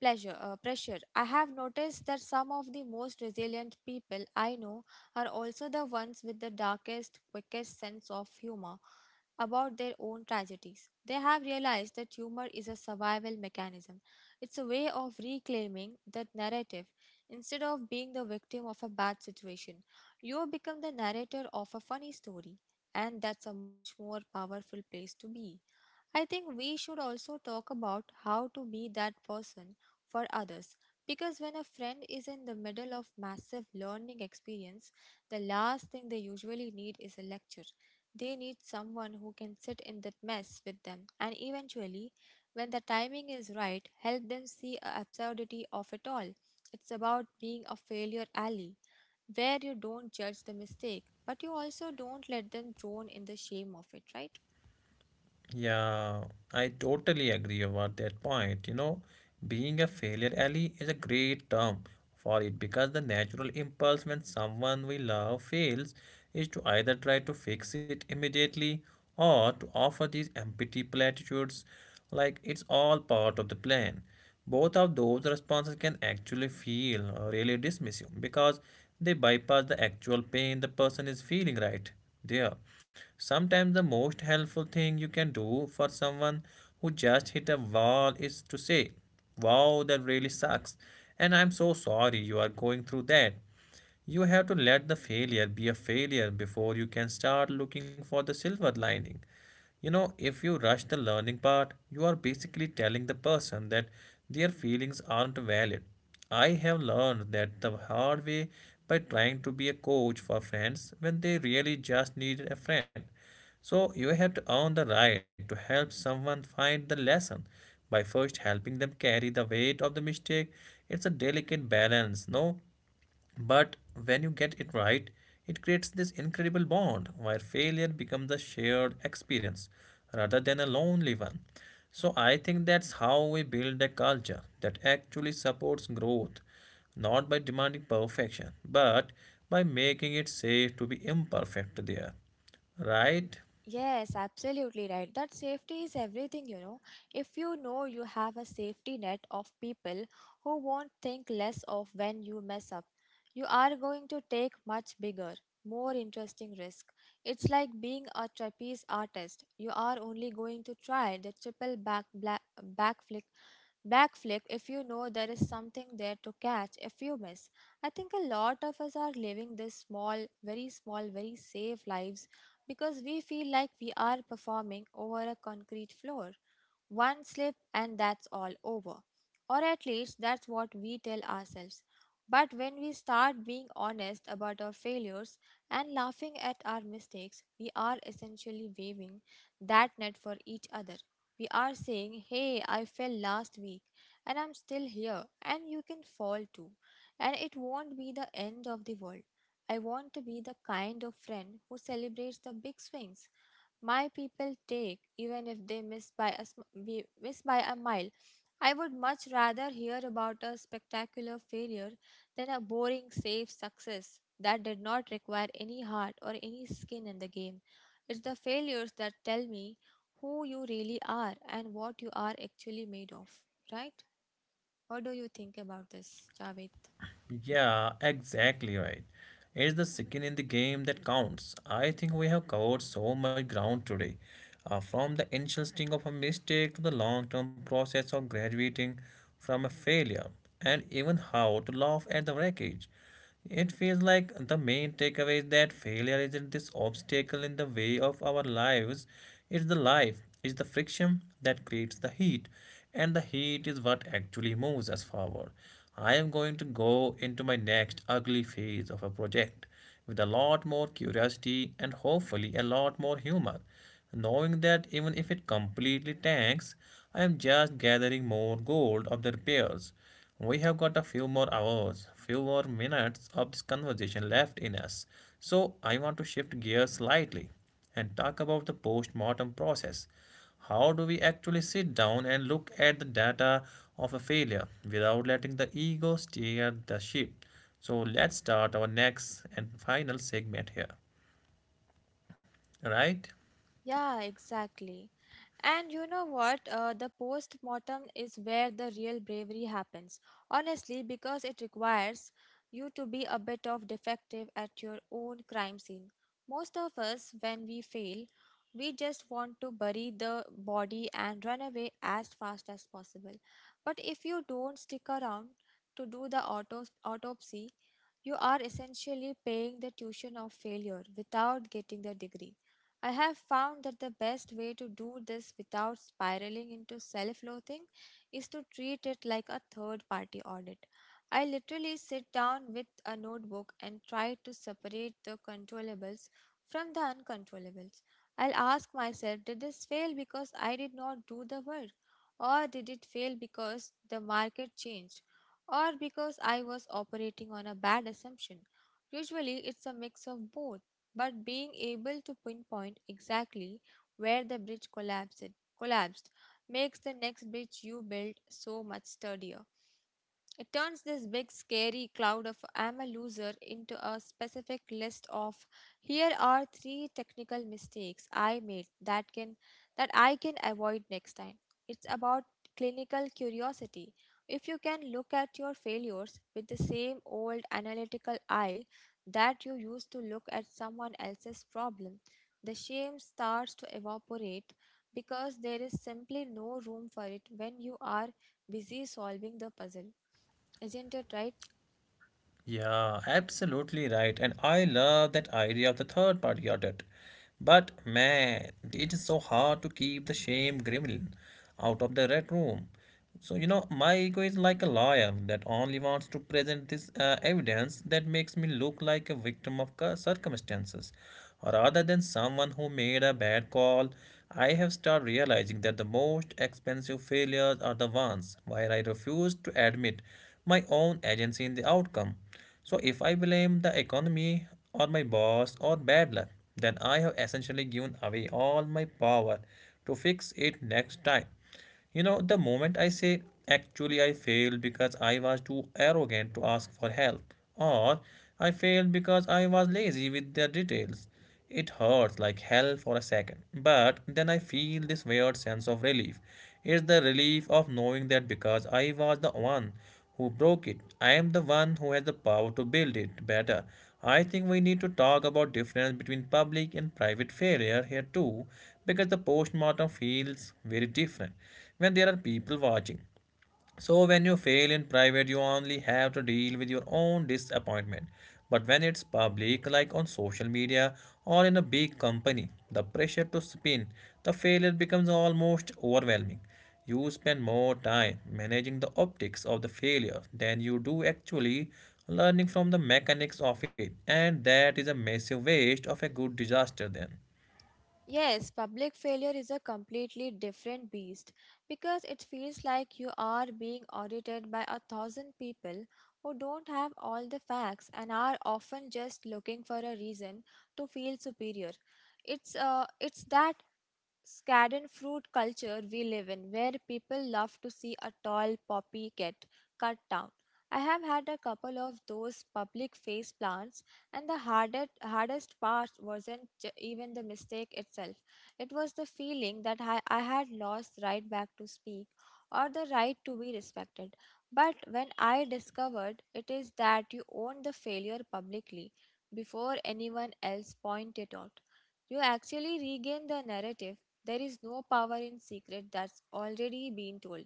Speaker 2: Pressure. I have noticed that some of the most resilient people I know are also the ones with the darkest, quickest sense of humor about their own tragedies. They have realized that humor is a survival mechanism. It's a way of reclaiming that narrative. Instead of being the victim of a bad situation, you become the narrator of a funny story, and that's a much more powerful place to be. I think we should also talk about how to be that person for others, because when a friend is in the middle of massive learning experience, the last thing they usually need is a lecture. They need someone who can sit in that mess with them and, eventually, when the timing is right, help them see the absurdity of it all. It's about being a failure ally, where you don't judge the mistake but you also don't let them drown in the shame of it, right?
Speaker 1: Yeah, I totally agree about that point. You know, being a failure ally is a great term for it because the natural impulse when someone we love fails is to either try to fix it immediately or to offer these empty platitudes like it's all part of the plan. Both of those responses can actually feel really dismissive because they bypass the actual pain the person is feeling right there. Sometimes the most helpful thing you can do for someone who just hit a wall is to say, "Wow, that really sucks, and I'm so sorry you are going through that." You have to let the failure be a failure before you can start looking for the silver lining. You know, if you rush the learning part, you are basically telling the person that their feelings aren't valid. I have learned that the hard way by trying to be a coach for friends when they really just need a friend. So you have to earn the right to help someone find the lesson by first helping them carry the weight of the mistake. It's a delicate balance, no? But when you get it right, it creates this incredible bond where failure becomes a shared experience rather than a lonely one. So I think that's how we build a culture that actually supports growth, not by demanding perfection, but by making it safe to be imperfect there, right?
Speaker 2: Yes, absolutely right. That safety is everything, you know. If you know you have a safety net of people who won't think less of when you mess up, you are going to take much bigger, more interesting risk. It's like being a trapeze artist. You are only going to try the triple back black backflip backflip if you know there is something there to catch if you miss. I think a lot of us are living this small, very safe lives because we feel like we are performing over a concrete floor. One slip and that's all over. Or at least that's what we tell ourselves. But when we start being honest about our failures and laughing at our mistakes, we are essentially waving that net for each other. We are saying, "Hey, I fell last week and I'm still here, and you can fall too. And it won't be the end of the world." I want to be the kind of friend who celebrates the big swings my people take, even if they miss by a sm- we miss by a mile. I would much rather hear about a spectacular failure than a boring safe success that did not require any heart or any skin in the game. It's the failures that tell me who you really are and what you are actually made of, right? What do you think about this, Javed?
Speaker 1: Yeah, exactly right. It's the skin in the game that counts. I think we have covered so much ground today. From the initial sting of a mistake to the long term process of graduating from a failure, and even how to laugh at the wreckage. It feels like the main takeaway is that failure isn't this obstacle in the way of our lives. It's the life, it's the friction that creates the heat, and the heat is what actually moves us forward. I am going to go into my next ugly phase of a project with a lot more curiosity and hopefully a lot more humor, knowing that even if it completely tanks, I am just gathering more gold of their pairs. We have got a few more hours, few more minutes of this conversation left in us, so I want to shift gears slightly and talk about the post mortem process. How do we actually sit down and look at the data of a failure without letting the ego steer the ship? So let's start our next and final segment here, right?
Speaker 2: Yeah, exactly. And you know what? The post mortem is where the real bravery happens. Honestly, because it requires you to be a bit of defective at your own crime scene. Most of us, when we fail, we just want to bury the body and run away as fast as possible. But if you don't stick around to do the autopsy, you are essentially paying the tuition of failure without getting the degree. I have found that the best way to do this without spiraling into self loathing is to treat it like a third party audit. I literally sit down with a notebook and try to separate the controllables from the uncontrollables. I'll ask myself, did this fail because I did not do the work? Or did it fail because the market changed? Or because I was operating on a bad assumption? Usually, it's a mix of both, but being able to pinpoint exactly where the bridge collapsed makes the next bridge you build so much sturdier. It turns this big scary cloud of "I'm a loser" into a specific list of here are three technical mistakes I made that I can avoid next time. It's about clinical curiosity. If you can look at your failures with the same old analytical eye that you used to look at someone else's problem, the shame starts to evaporate because there is simply no room for it when you are busy solving the puzzle. Isn't it right?
Speaker 1: Yeah, absolutely right. And I love that idea of the third party audit. But man, it is so hard to keep the shame gremlin out of the red room. So, you know, my ego is like a liar that only wants to present this evidence that makes me look like a victim of circumstances. Or rather than someone who made a bad call, I have started realizing that the most expensive failures are the ones where I refuse to admit my own agency in the outcome. So if I blame the economy or my boss or bad luck, then I have essentially given away all my power to fix it next time. You know, the moment I say, actually, I failed because I was too arrogant to ask for help, or I failed because I was lazy with the details, it hurts like hell for a second, but then I feel this weird sense of relief. It's the relief of knowing that because I was the one who broke it, I am the one who has the power to build it better. I think we need to talk about difference between public and private failure here too, because the postmortem feels very different when there are people watching. So, when you fail in private, you only have to deal with your own disappointment. But when it's public, like on social media or in a big company, the pressure to spin the failure becomes almost overwhelming. You spend more time managing the optics of the failure than you do actually learning from the mechanics of it, and that is a massive waste of a good disaster, then.
Speaker 2: Yes, public failure is a completely different beast because it feels like you are being audited by a thousand people who don't have all the facts and are often just looking for a reason to feel superior. It's that Scaden fruit culture we live in, where people love to see a tall poppy get cut down. I have had a couple of those public face plants, and the hardest part wasn't even the mistake itself. It was the feeling that I had lost right back to speak or the right to be respected. But when I discovered it is that you own the failure publicly before anyone else point it out, you actually regain the narrative. There is no power in secret that's already been told.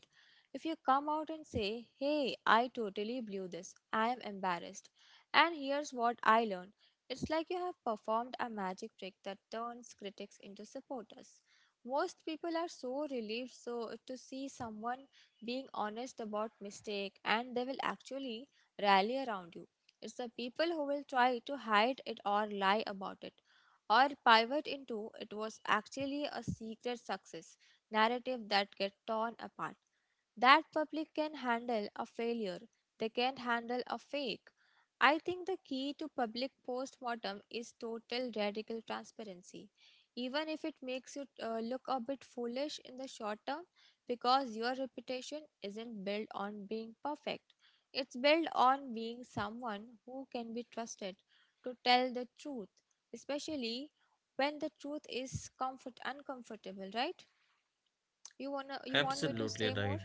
Speaker 2: If you come out and say, "Hey, I totally blew this, I am embarrassed, and here's what I learned," it's like you have performed a magic trick that turns critics into supporters. Most people are so relieved so to see someone being honest about mistake, and they will actually rally around you. It's the people who will try to hide it or lie about it or pivot into "it was actually a secret success" narrative that get torn apart. That public can handle a failure, they can't handle a fake. I think the key to public postmortem is total radical transparency. Even if it makes you look a bit foolish in the short term, because your reputation isn't built on being perfect. It's built on being someone who can be trusted to tell the truth, especially when the truth is comfort uncomfortable, right? You want me to
Speaker 1: Absolutely
Speaker 2: say more?
Speaker 1: right.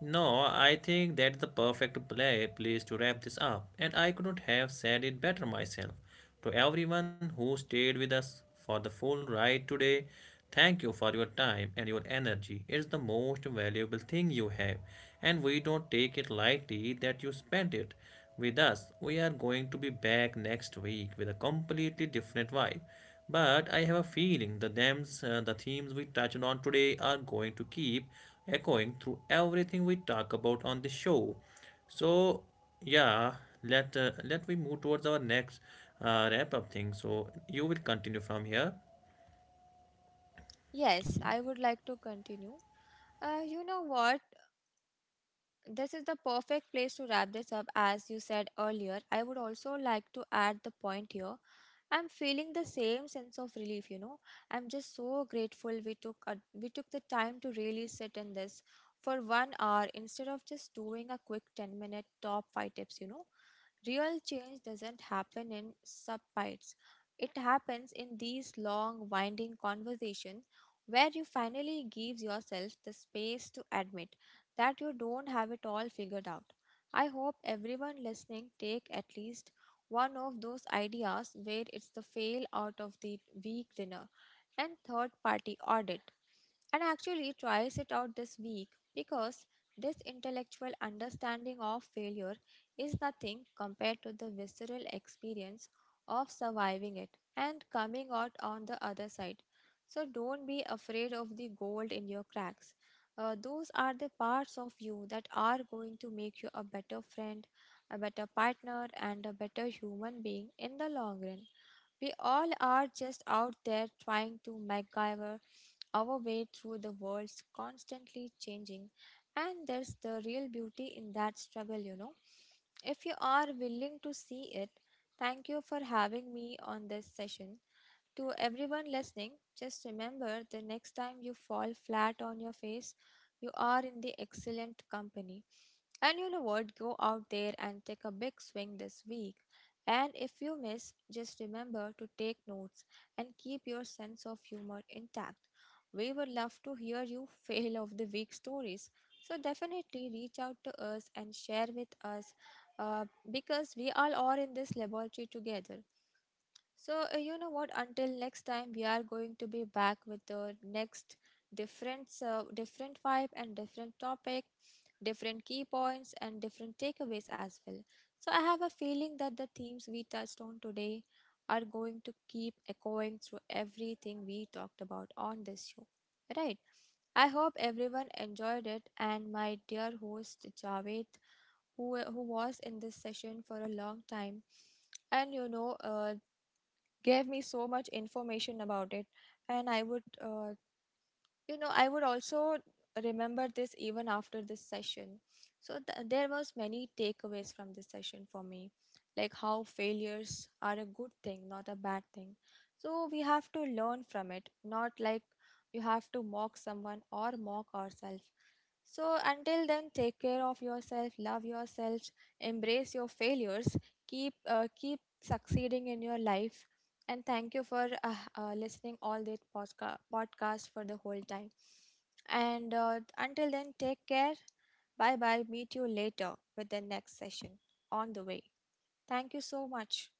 Speaker 1: No, I think that's the perfect play, place to wrap this up, and I couldn't have said it better myself. To everyone who stayed with us for the full ride today, thank you for your time and your energy. It's the most valuable thing you have, and we don't take it lightly that you spent it with us. We are going to be back next week with a completely different vibe. But I have a feeling the themes we touched on today are going to keep echoing through everything we talk about on the show. So, yeah, let let we move towards our next wrap up thing. So you will continue from here.
Speaker 2: Yes, I would like to continue. You know what, this is the perfect place to wrap this up. As you said earlier, I would also like to add the point here. I'm feeling the same sense of relief, you know. I'm just so grateful we we took the time to really sit in this for 1 hour instead of just doing a quick 10-minute top 5 tips, you know. Real change doesn't happen in subbites. It happens in these long, winding conversations where you finally give yourself the space to admit that you don't have it all figured out. I hope everyone listening take at least one of those ideas, where it's the fail out of the week dinner and third party audit, and actually tries it out this week, because this intellectual understanding of failure is nothing compared to the visceral experience of surviving it and coming out on the other side. So don't be afraid of the gold in your cracks. Those are the parts of you that are going to make you a better friend, a better partner, and a better human being in the long run. We all are just out there trying to MacGyver our way through the world's constantly changing, and there's the real beauty in that struggle, you know, if you are willing to see it. Thank you for having me on this session. To everyone listening, just remember, the next time you fall flat on your face, you are in the excellent company. And you know what? Go out there and take a big swing this week. And if you miss, just remember to take notes and keep your sense of humor intact. We would love to hear your fail of the week stories. So definitely reach out to us and share with us, because we all are in this laboratory together. So, you know what? Until next time, we are going to be back with the next different, different vibe and different topic, different key points and different takeaways as well. So, I have a feeling that the themes we touched on today are going to keep echoing through everything we talked about on this show. Right. I hope everyone enjoyed it, and my dear host Javed, who was in this session for a long time and gave me so much information about it. And I would also remember this even after this session. So there was many takeaways from this session for me, like how failures are a good thing, not a bad thing. So we have to learn from it, not like you have to mock someone or mock ourselves. So, until then, take care of yourself, love yourself, embrace your failures, keep succeeding in your life, and thank you for listening all this podcast for the whole time. And until then, take care. Bye bye. Meet you later with the next session on the way. Thank you so much.